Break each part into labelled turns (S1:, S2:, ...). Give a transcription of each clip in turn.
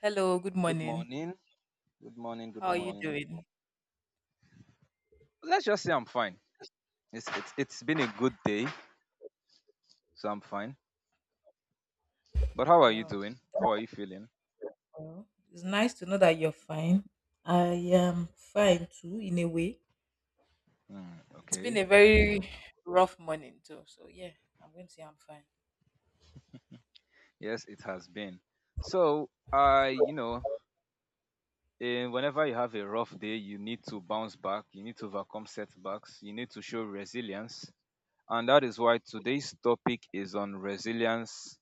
S1: Hello, good
S2: Good
S1: morning.
S2: morning. Good morning.
S1: How
S2: Good
S1: are you
S2: morning.
S1: doing?
S2: Let's just say I'm fine. It's been a good day, so I'm fine. But how are you
S1: Well,
S2: doing? How are you feeling?
S1: well, it's nice to know that you're fine. I am fine too, in a way.
S2: Hmm,
S1: It's been
S2: okay.
S1: a very rough morning too. So yeah, I'm going to say I'm fine.
S2: Yes, it has been. So I, whenever you have a rough day, you need to bounce back. You need to overcome setbacks. You need to show resilience, and that is why today's topic is on resilience,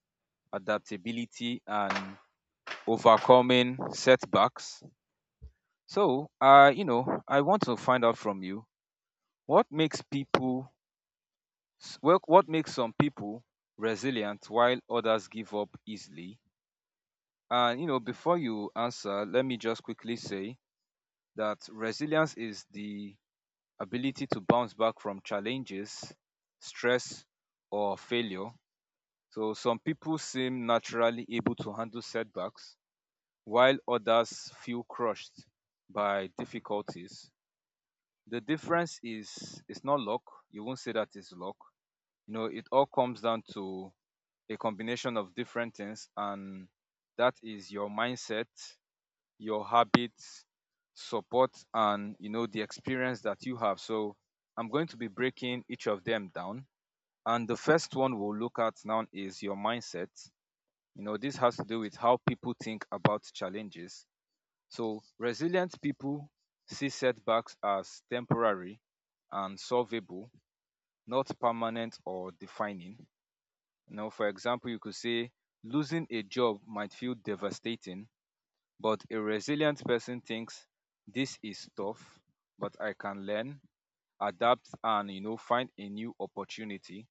S2: adaptability, and overcoming setbacks. So, I want to find out from you. What makes some people resilient while others give up easily? And you know, before you answer, let me just quickly say that resilience is the ability to bounce back from challenges, stress, or failure. So some people seem naturally able to handle setbacks, while others feel crushed by difficulties. The difference is it's not luck. You won't say that it's luck, you know, it all comes down to a combination of different things, and that is your mindset, your habits, support, and, you know, the experience that you have. So I'm going to be breaking each of them down, and the first one we'll look at now is your mindset. You know, this has to do with how people think about challenges. So resilient people see setbacks as temporary and solvable, not permanent or defining. Now, for example, you could say losing a job might feel devastating, but a resilient person thinks this is tough, but I can learn, adapt, and, you know, find a new opportunity.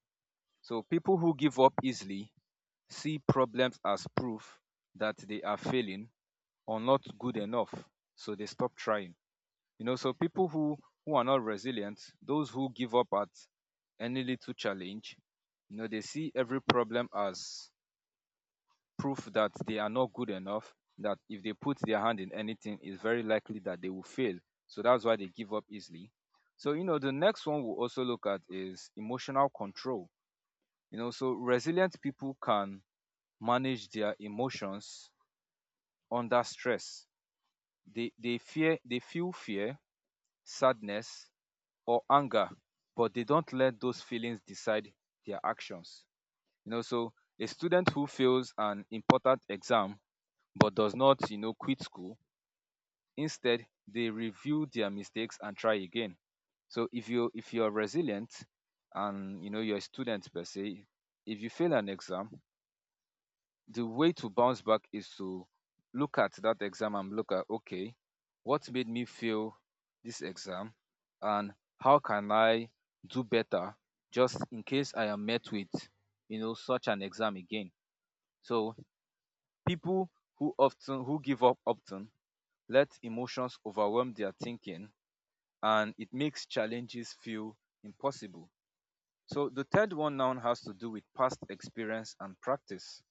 S2: So people who give up easily see problems as proof that they are failing or not good enough. So they stop trying. You know, so people who are not resilient, those who give up at any little challenge, you know, they see every problem as proof that they are not good enough, that if they put their hand in anything, it's very likely that they will fail. So that's why they give up easily. So, you know, the next one we'll also look at is emotional control. You know, so resilient people can manage their emotions under stress. They feel fear, sadness, or anger, but they don't let those feelings decide their actions. You know, so a student who fails an important exam but does not, you know, quit school, instead they review their mistakes and try again. So if you if you're resilient and you know you're a student per se, if you fail an exam, the way to bounce back is to look at that exam and look at, okay, what made me fail this exam and how can I do better just in case I am met with, you know, such an exam again. So people who give up often let emotions overwhelm their thinking, and it makes challenges feel impossible. So the third one now has to do with past experience and practice.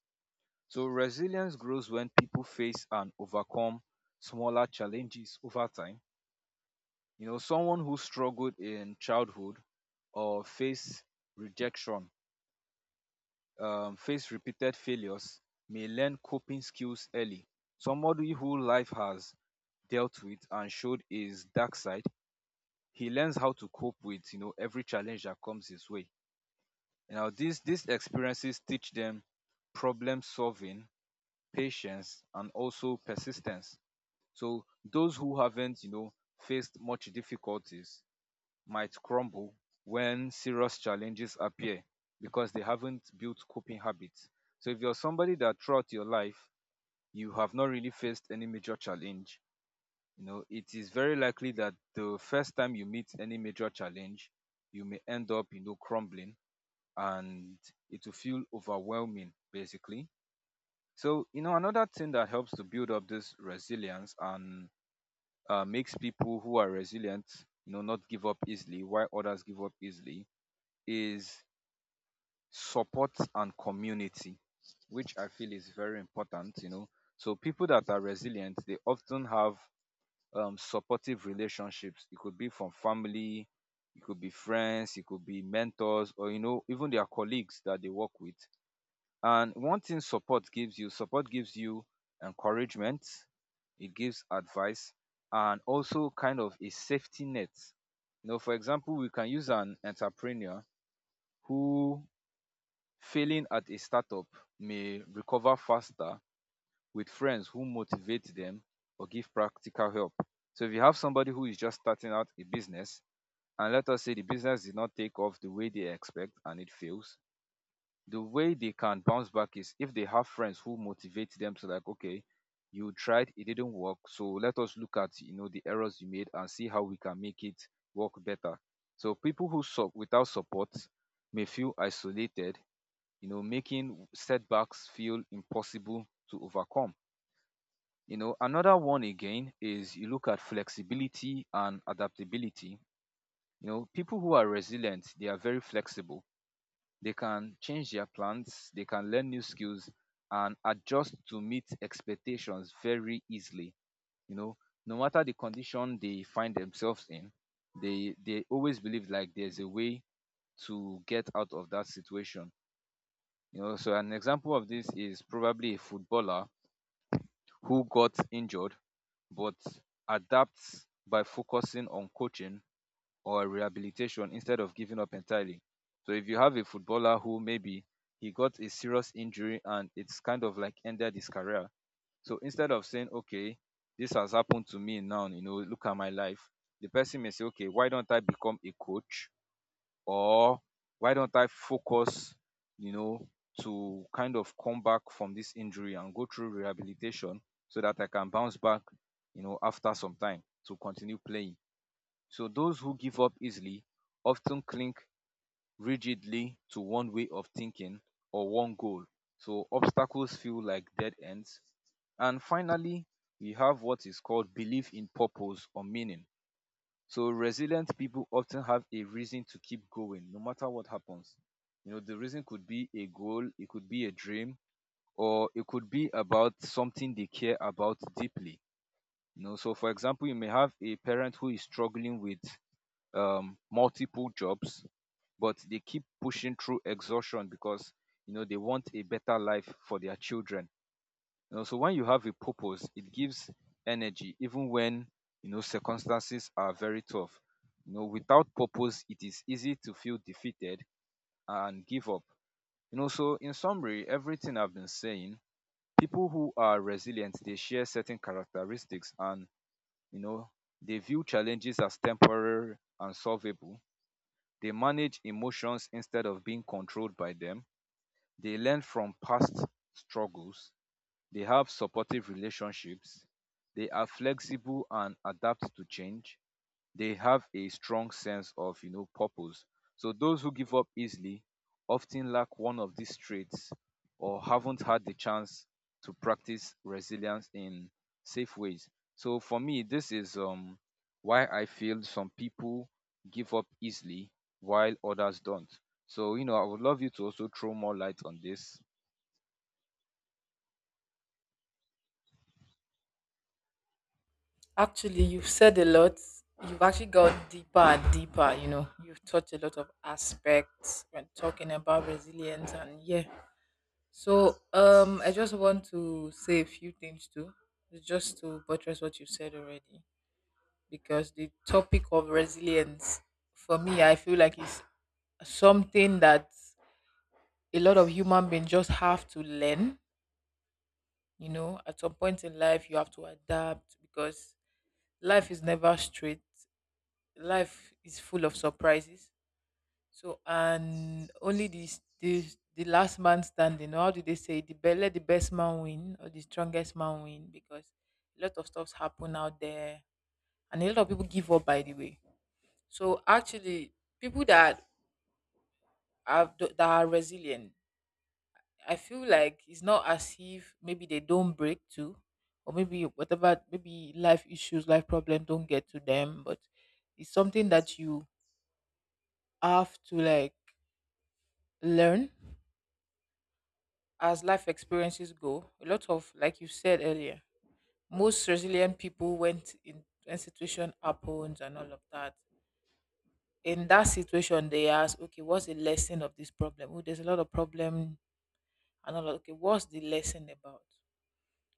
S2: So resilience grows when people face and overcome smaller challenges over time. You know, someone who struggled in childhood or faced rejection, faced repeated failures, may learn coping skills early. Somebody who life has dealt with and showed his dark side, he learns how to cope with, you know, every challenge that comes his way. Now these experiences teach them problem solving, patience, and also persistence. So those who haven't, you know, faced much difficulties might crumble when serious challenges appear because they haven't built coping habits. So if you're somebody that throughout your life you have not really faced any major challenge, you know, it is very likely that the first time you meet any major challenge, you may end up, you know, crumbling, and it will feel overwhelming, basically. So, you know, another thing that helps to build up this resilience and makes people who are resilient, you know, not give up easily, while others give up easily, is support and community, which I feel is very important, you know. So people that are resilient, they often have supportive relationships. It could be from family, it could be friends, it could be mentors, or, you know, even their colleagues that they work with. And one thing support gives you encouragement, it gives advice, and also kind of a safety net. You know, for example, we can use an entrepreneur who, failing at a startup, may recover faster with friends who motivate them or give practical help. So if you have somebody who is just starting out a business, and let us say the business did not take off the way they expect and it fails, the way they can bounce back is if they have friends who motivate them to like, okay, you tried, it didn't work. So let us look at, you know, the errors you made and see how we can make it work better. So people who sup without support may feel isolated, you know, making setbacks feel impossible to overcome. You know, another one again is you look at flexibility and adaptability. You know, people who are resilient, they are very flexible. They can change their plans, they can learn new skills and adjust to meet expectations very easily. You know, no matter the condition they find themselves in, they always believe like there's a way to get out of that situation. You know, so an example of this is probably a footballer who got injured but adapts by focusing on coaching or rehabilitation instead of giving up entirely. So if you have a footballer who maybe he got a serious injury and it's kind of like ended his career. So instead of saying, okay, this has happened to me now, you know, look at my life, the person may say, okay, why don't I become a coach, or why don't I focus, you know, to kind of come back from this injury and go through rehabilitation so that I can bounce back, you know, after some time to continue playing. So those who give up easily often cling rigidly to one way of thinking or one goal. So obstacles feel like dead ends. And finally, we have what is called belief in purpose or meaning. So resilient people often have a reason to keep going no matter what happens. You know, the reason could be a goal, it could be a dream, or it could be about something they care about deeply. You know, so for example, you may have a parent who is struggling with multiple jobs, but they keep pushing through exhaustion because, you know, they want a better life for their children. You know, so when you have a purpose, it gives energy even when, you know, circumstances are very tough. You know, without purpose, it is easy to feel defeated and give up. You know, so in summary, everything I've been saying, people who are resilient, they share certain characteristics, and, you know, they view challenges as temporary and solvable. They manage emotions instead of being controlled by them. They learn from past struggles, they have supportive relationships. They are flexible and adapt to change. They have a strong sense of, you know, purpose. So those who give up easily often lack one of these traits or haven't had the chance to practice resilience in safe ways. So for me, this is why I feel some people give up easily while others don't. So, you know, I would love you to also throw more light on this.
S1: Actually, you've said a lot. You've actually gone deeper and deeper, you know. You've touched a lot of aspects when talking about resilience and yeah. So I just want to say a few things too, just to buttress what you said already. Because the topic of resilience, for me, I feel like it's something that a lot of human beings just have to learn. You know, at some point in life, you have to adapt because life is never straight. Life is full of surprises. So, and only this, the last man standing. Or how do they say? The let the best man win or the strongest man win, because a lot of stuffs happen out there, and a lot of people give up, by the way. So actually, people that have that are resilient, I feel like it's not as if maybe they don't break too, or maybe whatever, maybe life issues, life problem don't get to them. But it's something that you have to like learn as life experiences go. A lot of, like you said earlier, most resilient people went in when situation happens and all of that. In that situation, they ask, okay, what's the lesson of this problem? Oh, there's a lot of problem and all of okay, what's the lesson about?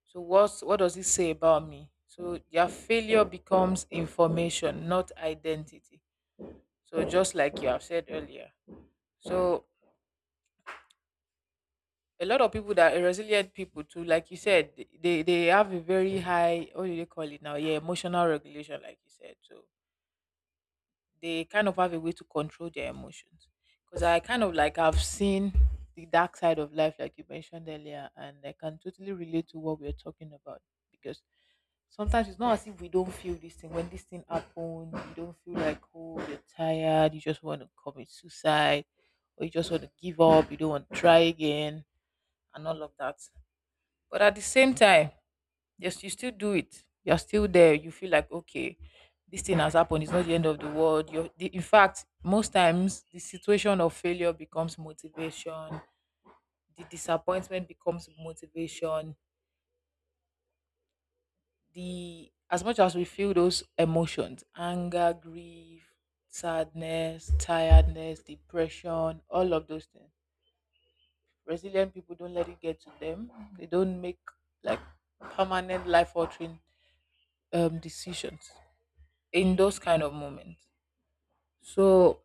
S1: So what's, what does it say about me? So their failure becomes information, not identity. So just like you have said earlier. So a lot of people that are resilient people too, like you said, they have a very high, what do they call it now? Yeah, emotional regulation, like you said. So they kind of have a way to control their emotions. Because I kind of, like, I've seen the dark side of life, like you mentioned earlier, and I can totally relate to what we're talking about. Because sometimes it's not as if we don't feel this thing. When this thing happens, you don't feel like, oh, you're tired, you just want to commit suicide, or you just want to give up, you don't want to try again, and all of that. But at the same time, yes, you still do it. You're still there. You feel like, okay, this thing has happened. It's not the end of the world. In fact, most times the situation of failure becomes motivation. The disappointment becomes motivation. The As much as we feel those emotions, anger, grief, sadness, tiredness, depression, all of those things, resilient people don't let it get to them. They don't make, like, permanent life altering, decisions in those kind of moments. So,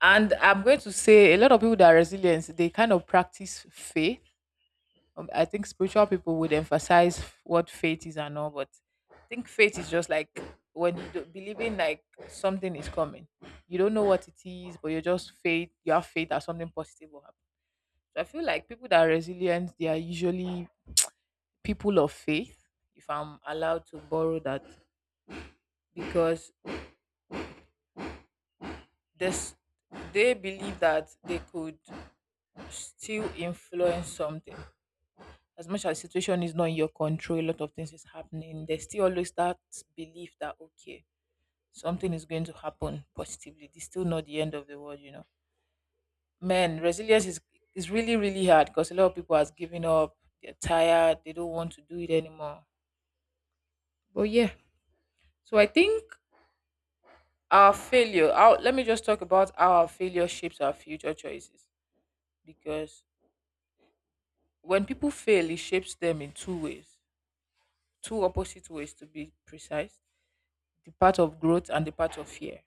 S1: and I'm going to say a lot of people that are resilient, they kind of practice faith. I think spiritual people would emphasize what faith is and all, but I think faith is just like when you do, believing like something is coming. You don't know what it is, but you're just faith. You have faith that something positive will happen. So I feel like people that are resilient, they are usually people of faith, if I'm allowed to borrow that, because this they believe that they could still influence something. As much as the situation is not in your control, a lot of things is happening, there's still always that belief that, okay, something is going to happen positively. It's still not the end of the world, you know. Man, resilience is really really hard because a lot of people has given up. They're tired. They don't want to do it anymore. But yeah, so I think let me just talk about how our failure shapes our future choices. Because when people fail, it shapes them in two ways, two opposite ways to be precise: the path of growth and the path of fear.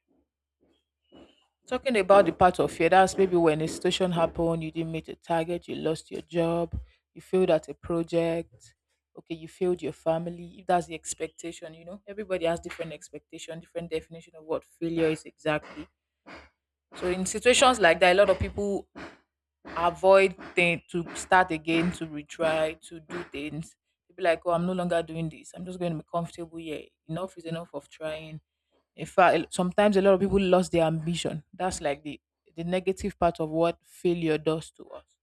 S1: Talking about the path of fear, that's maybe when a situation happened, you didn't meet a target, you lost your job, you failed at a project, okay, you failed your family. If that's the expectation, you know, everybody has different expectation, different definition of what failure is exactly. So in situations like that, a lot of people avoid thing to start again, to retry, to do things. You'll be like, oh, I'm no longer doing this. I'm just going to be comfortable here. Enough is enough of trying. In fact, sometimes a lot of people lost their ambition. That's like the negative part of what failure does to us.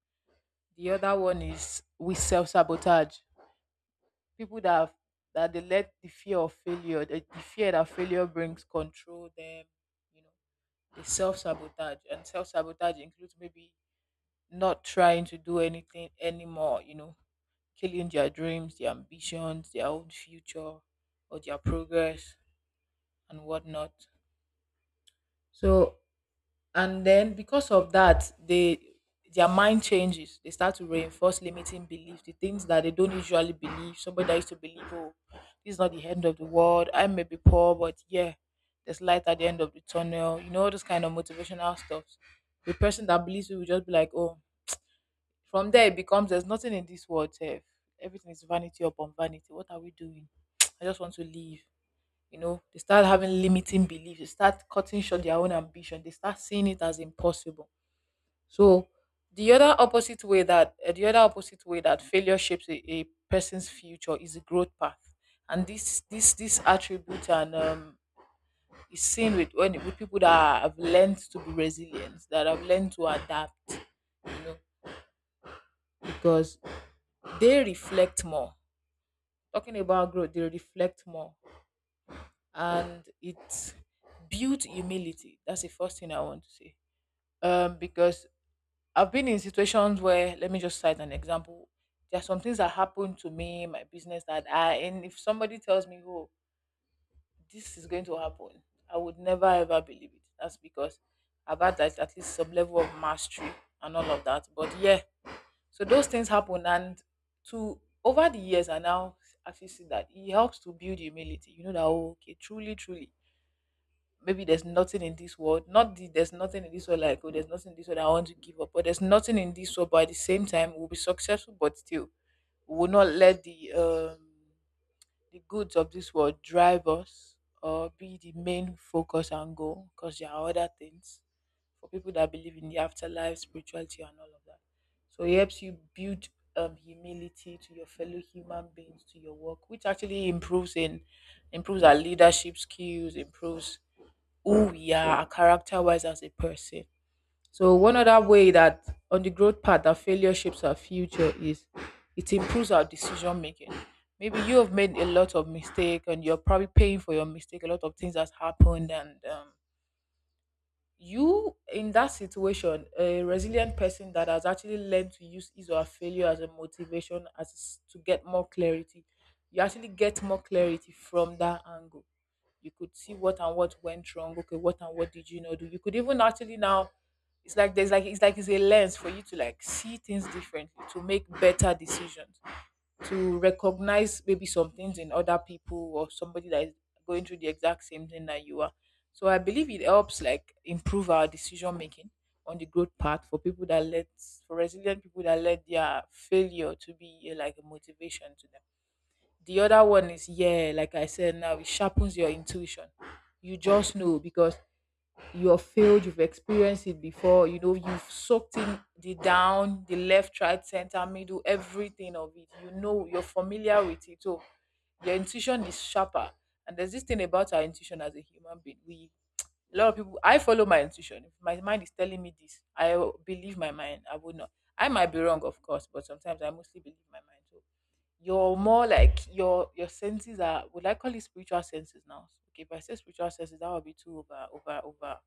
S1: The other one is we self sabotage. People that that they let the fear of failure, the fear that failure brings, control them. You know, they self sabotage, and self sabotage includes, maybe, not trying to do anything anymore, you know, killing their dreams, their ambitions, their own future or their progress and whatnot. So, and then because of that, they their mind changes. They start to reinforce limiting beliefs, the things that they don't usually believe. Somebody that used to believe, oh, this is not the end of the world. I may be poor, but yeah, there's light at the end of the tunnel. You know, all this kind of motivational stuff. The person that believes it will just be like, oh, from there, it becomes, there's nothing in this world. Sef. Everything is vanity upon vanity. What are we doing? I just want to leave. You know, they start having limiting beliefs. They start cutting short their own ambition. They start seeing it as impossible. So, the other opposite way that the other opposite way that failure shapes a person's future is the growth path. And this attribute and is seen with when with people that have learned to be resilient, that have learned to adapt. You know, because they reflect more, talking about growth, they reflect more, and it builds humility. That's the first thing I want to say. Because I've been in situations where, let me just cite an example. There are some things that happened to me, my business, that I, and if somebody tells me, oh, this is going to happen, I would never ever believe it. That's because I've had that, at least some level of mastery and all of that. But yeah, so those things happen, and to over the years, I now actually see that it helps to build humility. You know that, oh, okay, truly, truly, maybe there's nothing in this world. Not the, There's nothing in this world, like, oh, there's nothing in this world, I want to give up, but there's nothing in this world. But at the same time, we'll be successful, but still, we will not let the goods of this world drive us or be the main focus and goal, because there are other things for people that believe in the afterlife, spirituality, and all of that. So it helps you build humility to your fellow human beings, to your work, which actually improves our leadership skills, improves who we are, our character wise as a person. So one other way that on the growth path that failure shapes our future is it improves our decision making. Maybe you have made a lot of mistake and you're probably paying for your mistake. A lot of things has happened, and you in that situation, a resilient person that has actually learned to use his or her failure as a motivation as to get more clarity, you actually get more clarity from that angle. You could see what and what went wrong, okay, what and what did you not do. You could even actually now, it's like it's a lens for you to, like, see things differently, to make better decisions, to recognize maybe some things in other people or somebody that is going through the exact same thing that you are. So I believe it helps, like, improve our decision making on the growth path for people that let, for resilient people that let their failure to be, like, a motivation to them. The other one is, yeah, like I said now, it sharpens your intuition. You just know because you have failed, you've experienced it before, you know, you've soaked in the down, the left, right, center, middle, everything of it. You know, you're familiar with it. So your intuition is sharper. And there's this thing about our intuition as a human being. We A lot of people, I follow my intuition. If my mind is telling me this, I will believe my mind. I would not. I might be wrong, of course, but sometimes I mostly believe my mind. So you're more like your senses are, would I call it spiritual senses now? Okay, if I say spiritual senses, that would be too over over over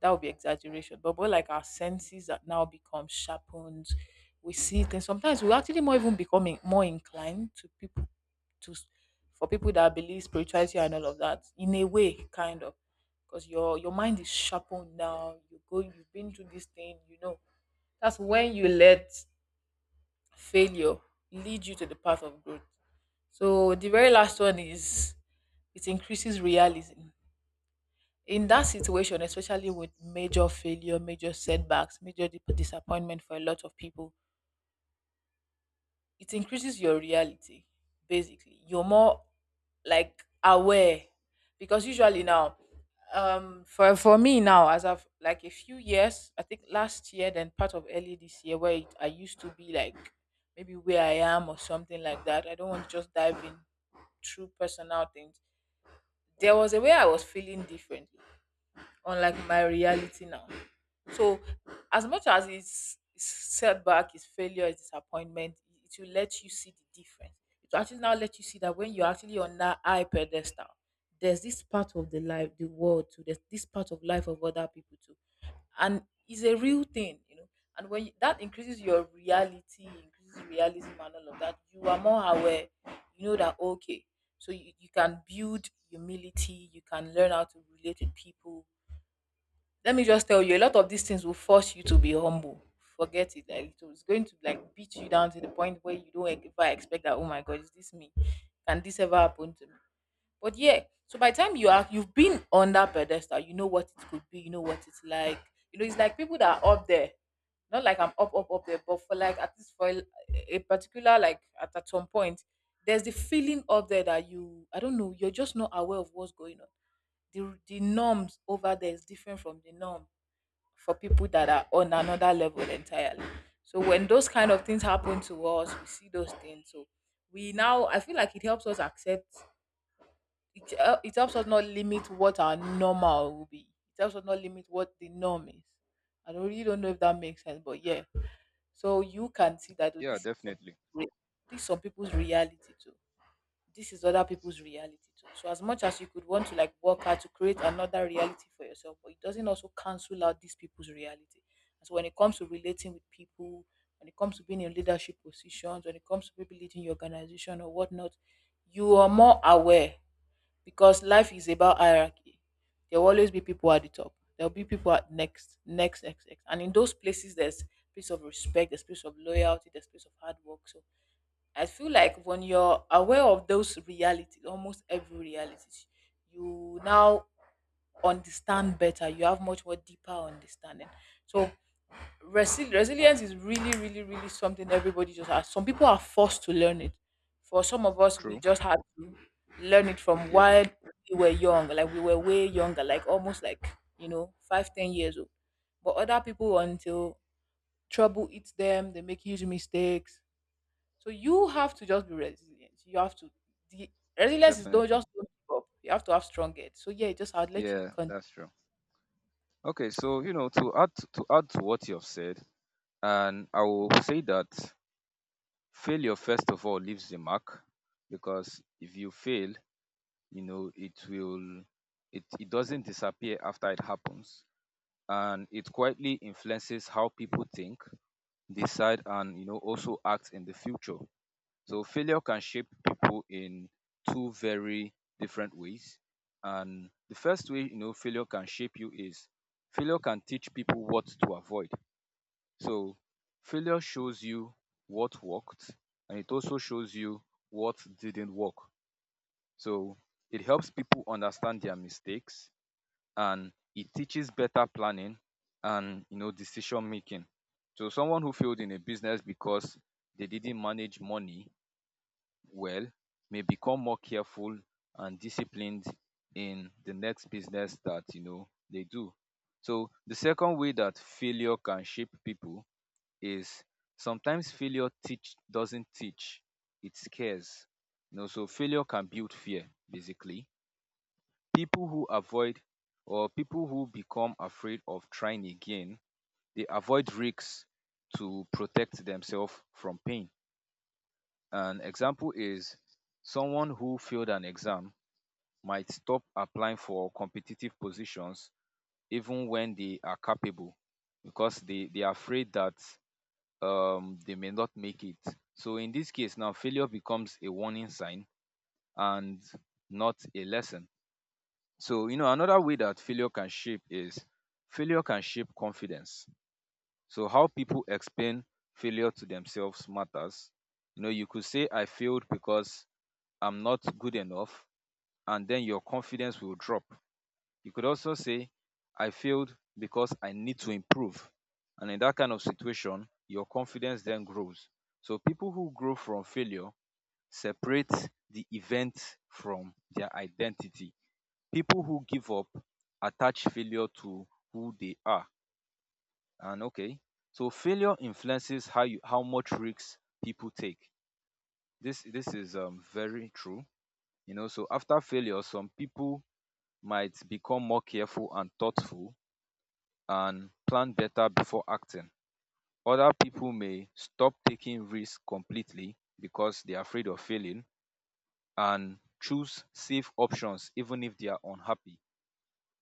S1: that would be exaggeration. But more like our senses that now become sharpened. We see things. Sometimes we actually more even becoming more inclined to people to s- for people that believe spirituality and all of that, in a way, kind of, because your mind is sharpened now. You go, you've been through this thing, you know, that's when you let failure lead you to the path of growth. So the very last one is it increases realism. In that situation, especially with major failure, major setbacks, disappointment for a lot of people, it increases your reality. Basically, you're more like aware, because usually now, for me now, as I've like a few years, I think last year, then part of early this year, where it, I used to be like maybe where I am or something like that. I don't want to just dive in through personal things. There was a way I was feeling differently, unlike my reality now. So, as much as it's setback, it's failure, it's disappointment, it will let you see the difference. It will actually now let you see that when you're actually on that high pedestal, there's this part of the life, the world too. There's this part of life of other people too, and it's a real thing, you know. And when you, that increases your reality, increases realism and all of that, you are more aware. You know that, okay, so you can build humility. You can learn how to relate with people. Let me just tell you, a lot of these things will force you to be humble. Forget it. Like it was going to like beat you down to the point where you don't e- ever expect that, oh my god, is this me? Can this ever happen to me? But yeah, so by the time you are, you've been on that pedestal, you know what it could be, you know what it's like. You know, it's like people that are up there. Not like I'm up, up, up there, but for like at least for a particular, like, at some point, there's the feeling up there that you, I don't know, you're just not aware of what's going on. The norms over there is different from the norm for people that are on another level entirely. So when those kind of things happen to us, we see those things. So we now, I feel like it helps us accept. It helps us not limit what our normal will be. It helps us not limit what the norm is. I don't really don't know if that makes sense, but yeah. So you can see that, oh,
S2: Yeah, definitely.
S1: re- this is some people's reality too. This is other people's reality too. So as much as you could want to like work hard to create another reality for yourself, but it doesn't also cancel out these people's reality. And so when it comes to relating with people, when it comes to being in leadership positions, when it comes to people leading your organization or whatnot, you are more aware, because life is about hierarchy. There will always be people at the top. There will be people at next, next, next, next. And in those places, there's place of respect, there's place of loyalty, there's place of hard work. So I feel like when you're aware of those realities, almost every reality, you now understand better. You have much more deeper understanding. So resilience is really, really, really something everybody just has. Some people are forced to learn it. For some of us, we
S2: True.
S1: just had to learn it from
S2: Yeah.
S1: while we were young. Like we were way younger, like almost like, you know, five, 10 years old. But other people, until trouble eats them, they make huge mistakes, so you have to just be resilient. You have to, the resilience is, don't
S2: Definitely.
S1: just, don't give up. You have to have strong head. So yeah, just I'd let you
S2: Yeah,
S1: continue.
S2: that's true. Okay, so you know, to add to what you have said, and I will say that failure first of all leaves a mark because if you fail, you know, it doesn't disappear after it happens. And it quietly influences how people think, decide, and, you know, also act in the future. So failure can shape people in two very different ways. And the first way, you know, failure can shape you is failure can teach people what to avoid. So failure shows you what worked, and it also shows you what didn't work. So it helps people understand their mistakes, and it teaches better planning and, you know, decision making. So someone who failed in a business because they didn't manage money well may become more careful and disciplined in the next business that, you know, they do. So the second way that failure can shape people is sometimes failure teach doesn't teach, it scares. You know, so failure can build fear basically. People who avoid, or people who become afraid of trying again, they avoid risks to protect themselves from pain. An example is someone who failed an exam might stop applying for competitive positions even when they are capable because they are afraid that they may not make it. So in this case now, failure becomes a warning sign and not a lesson. Another way that failure can shape is failure can shape confidence. So how people explain failure to themselves matters. You could say I failed because I'm not good enough, and then your confidence will drop. You could also say, I failed because I need to improve. And in that kind of situation, your confidence then grows. So people who grow from failure separate the event from their identity. People who give up attach failure to who they are. And okay, so failure influences how you how much risks people take. This is very true. So after failure, some people might become more careful and thoughtful and plan better before acting. Other people may stop taking risks completely because they are afraid of failing and choose safe options even if they are unhappy.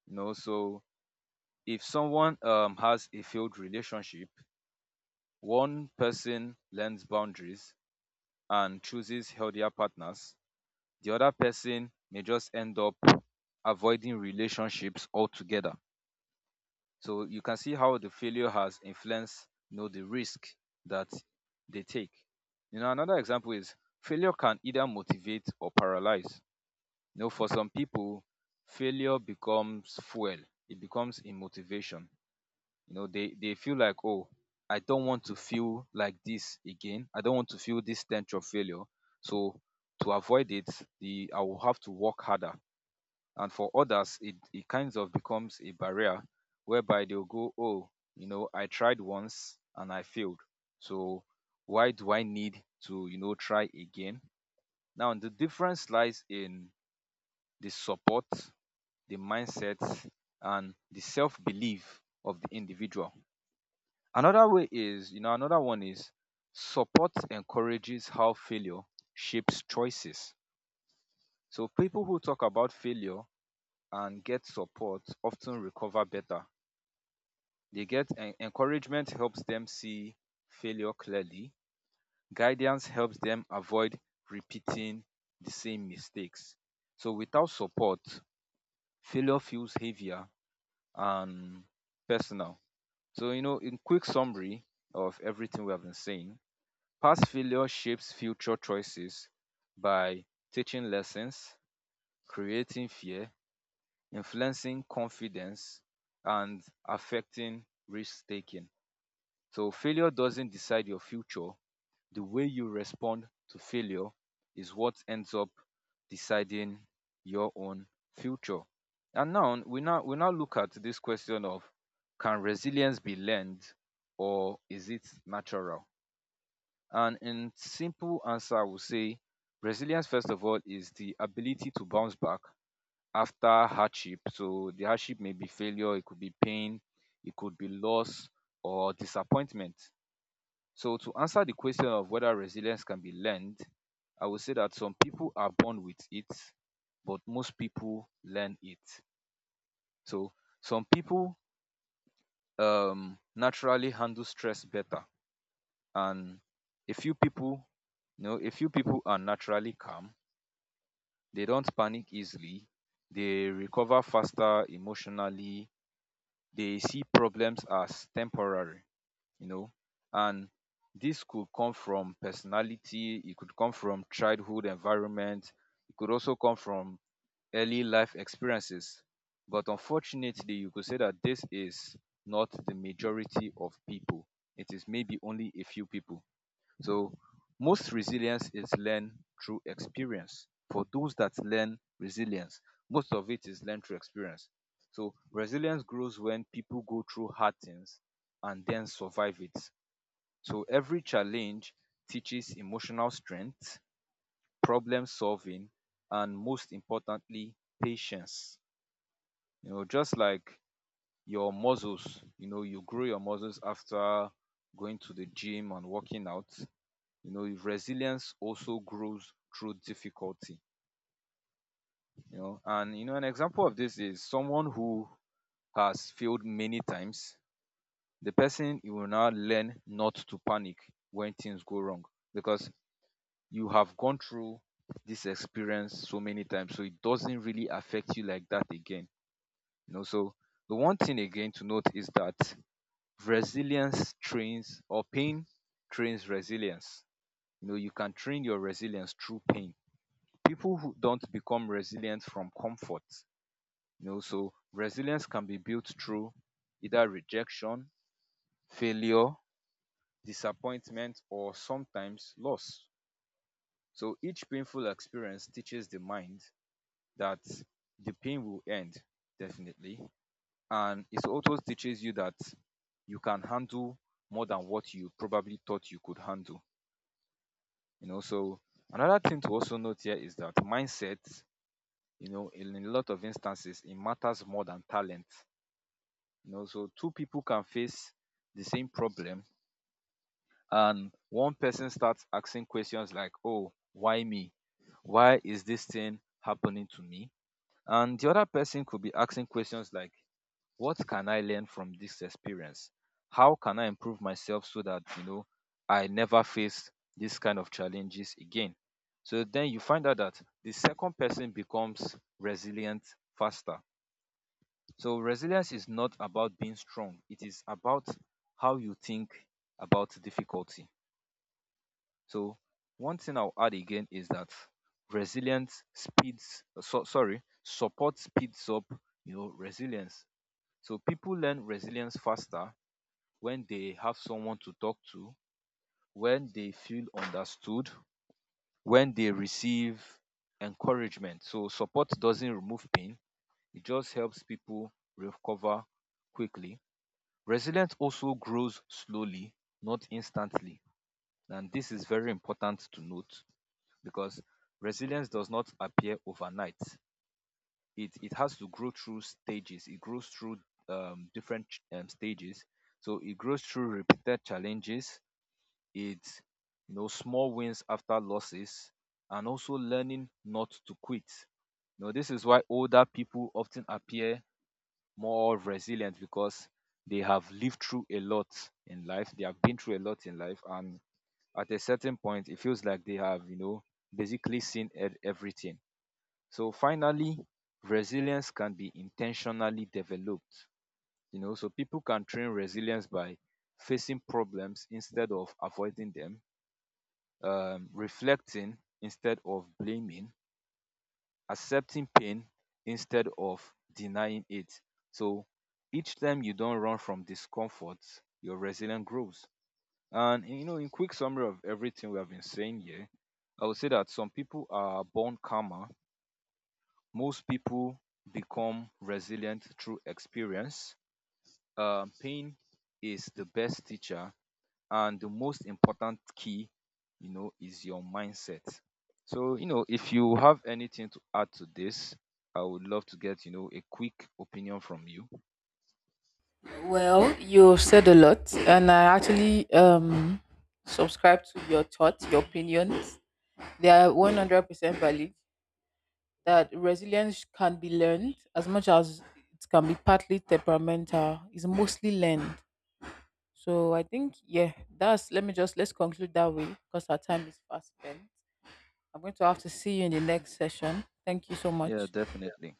S2: So if someone has a failed relationship, one person learns boundaries and chooses healthier partners, the other person may just end up avoiding relationships altogether. So you can see how the failure has influenced the risk that they take. Another example is failure can either motivate or paralyze. For some people, failure becomes fuel. It becomes a motivation. They feel like, oh, I don't want to feel like this again. I don't want to feel this stench of failure. So to avoid it, the I will have to work harder, and for others it kinds of becomes a barrier whereby they'll go, oh, I tried once and I failed, so why do I need to try again? Now the difference lies in the support, the mindset, and the self-belief of the individual. Another way is you know another one is support encourages how failure shapes choices. So people who talk about failure and get support often recover better. They get encouragement helps them see failure clearly. Guidance helps them avoid repeating the same mistakes. So without support, failure feels heavier and personal. In quick summary of everything we have been saying, past failure shapes future choices by teaching lessons, creating fear, influencing confidence, and affecting risk taking. So failure doesn't decide your future. The way you respond to failure is what ends up deciding your own future. And now we now we now look at this question of can resilience be learned or is it natural? And in simple answer, I would say resilience first of all is the ability to bounce back after hardship. So the hardship may be failure, it could be pain, it could be loss or disappointment. So to answer the question of whether resilience can be learned, I would say that some people are born with it, but most people learn it. So some people naturally handle stress better, and a few people a few people are naturally calm. They don't panic easily. They recover faster emotionally. They see problems as temporary, you know and this could come from personality, it could come from childhood environment, it could also come from early life experiences. But unfortunately you could say that this is not the majority of people, it is maybe only a few people. So most resilience is learned through experience. For those that learn resilience, most of it is learned through experience. So resilience grows when people go through hard things and then survive it. So every challenge teaches emotional strength, problem solving, and most importantly, patience. Just like your muscles, you grow your muscles after going to the gym and working out. Resilience also grows through difficulty. An example of this is someone who has failed many times. The person you will now learn not to panic when things go wrong, because you have gone through this experience so many times so it doesn't really affect you like that again. So the one thing again to note is that resilience trains or pain trains resilience. You can train your resilience through pain. People who don't become resilient from comfort. So resilience can be built through either rejection, failure, disappointment, or sometimes loss. So each painful experience teaches the mind that the pain will end, definitely, and it also teaches you that you can handle more than what you probably thought you could handle. So another thing to also note here is that mindset, in a lot of instances it matters more than talent. So two people can face the same problem, and one person starts asking questions like, oh, why me? Why is this thing happening to me? And the other person could be asking questions like, what can I learn from this experience? How can I improve myself so that I never face this kind of challenges again? So then you find out that the second person becomes resilient faster. So resilience is not about being strong, it is about how you think about difficulty. So one thing I'll add again is that resilience speeds so, sorry, support speeds up, resilience. So people learn resilience faster when they have someone to talk to, when they feel understood, when they receive encouragement. So support doesn't remove pain, it just helps people recover quickly. Resilience also grows slowly, not instantly. And this is very important to note because resilience does not appear overnight. It has to grow through stages, it grows through different stages. So it grows through repeated challenges, It's you know small wins after losses, and also learning not to quit. This is why older people often appear more resilient because they have lived through a lot in life. They have been through a lot in life, and at a certain point, it feels like they have, basically seen everything. So finally, resilience can be intentionally developed. So people can train resilience by facing problems instead of avoiding them, reflecting instead of blaming, accepting pain instead of denying it. So each time you don't run from discomfort, your resilience grows. And in quick summary of everything we have been saying here, I would say that some people are born calmer. Most people become resilient through experience. Pain is the best teacher, and the most important key, is your mindset. So if you have anything to add to this, I would love to get, a quick opinion from you.
S1: Well, you've said a lot, and I actually subscribe to your thoughts, your opinions. They are 100% valid. That resilience can be learned, as much as it can be partly temperamental, it's mostly learned. So I think yeah, that's. Let me just, let's conclude that way because our time is fast spent. I'm going to have to see you in the next session. Thank you so
S2: Yeah,
S1: much.
S2: definitely.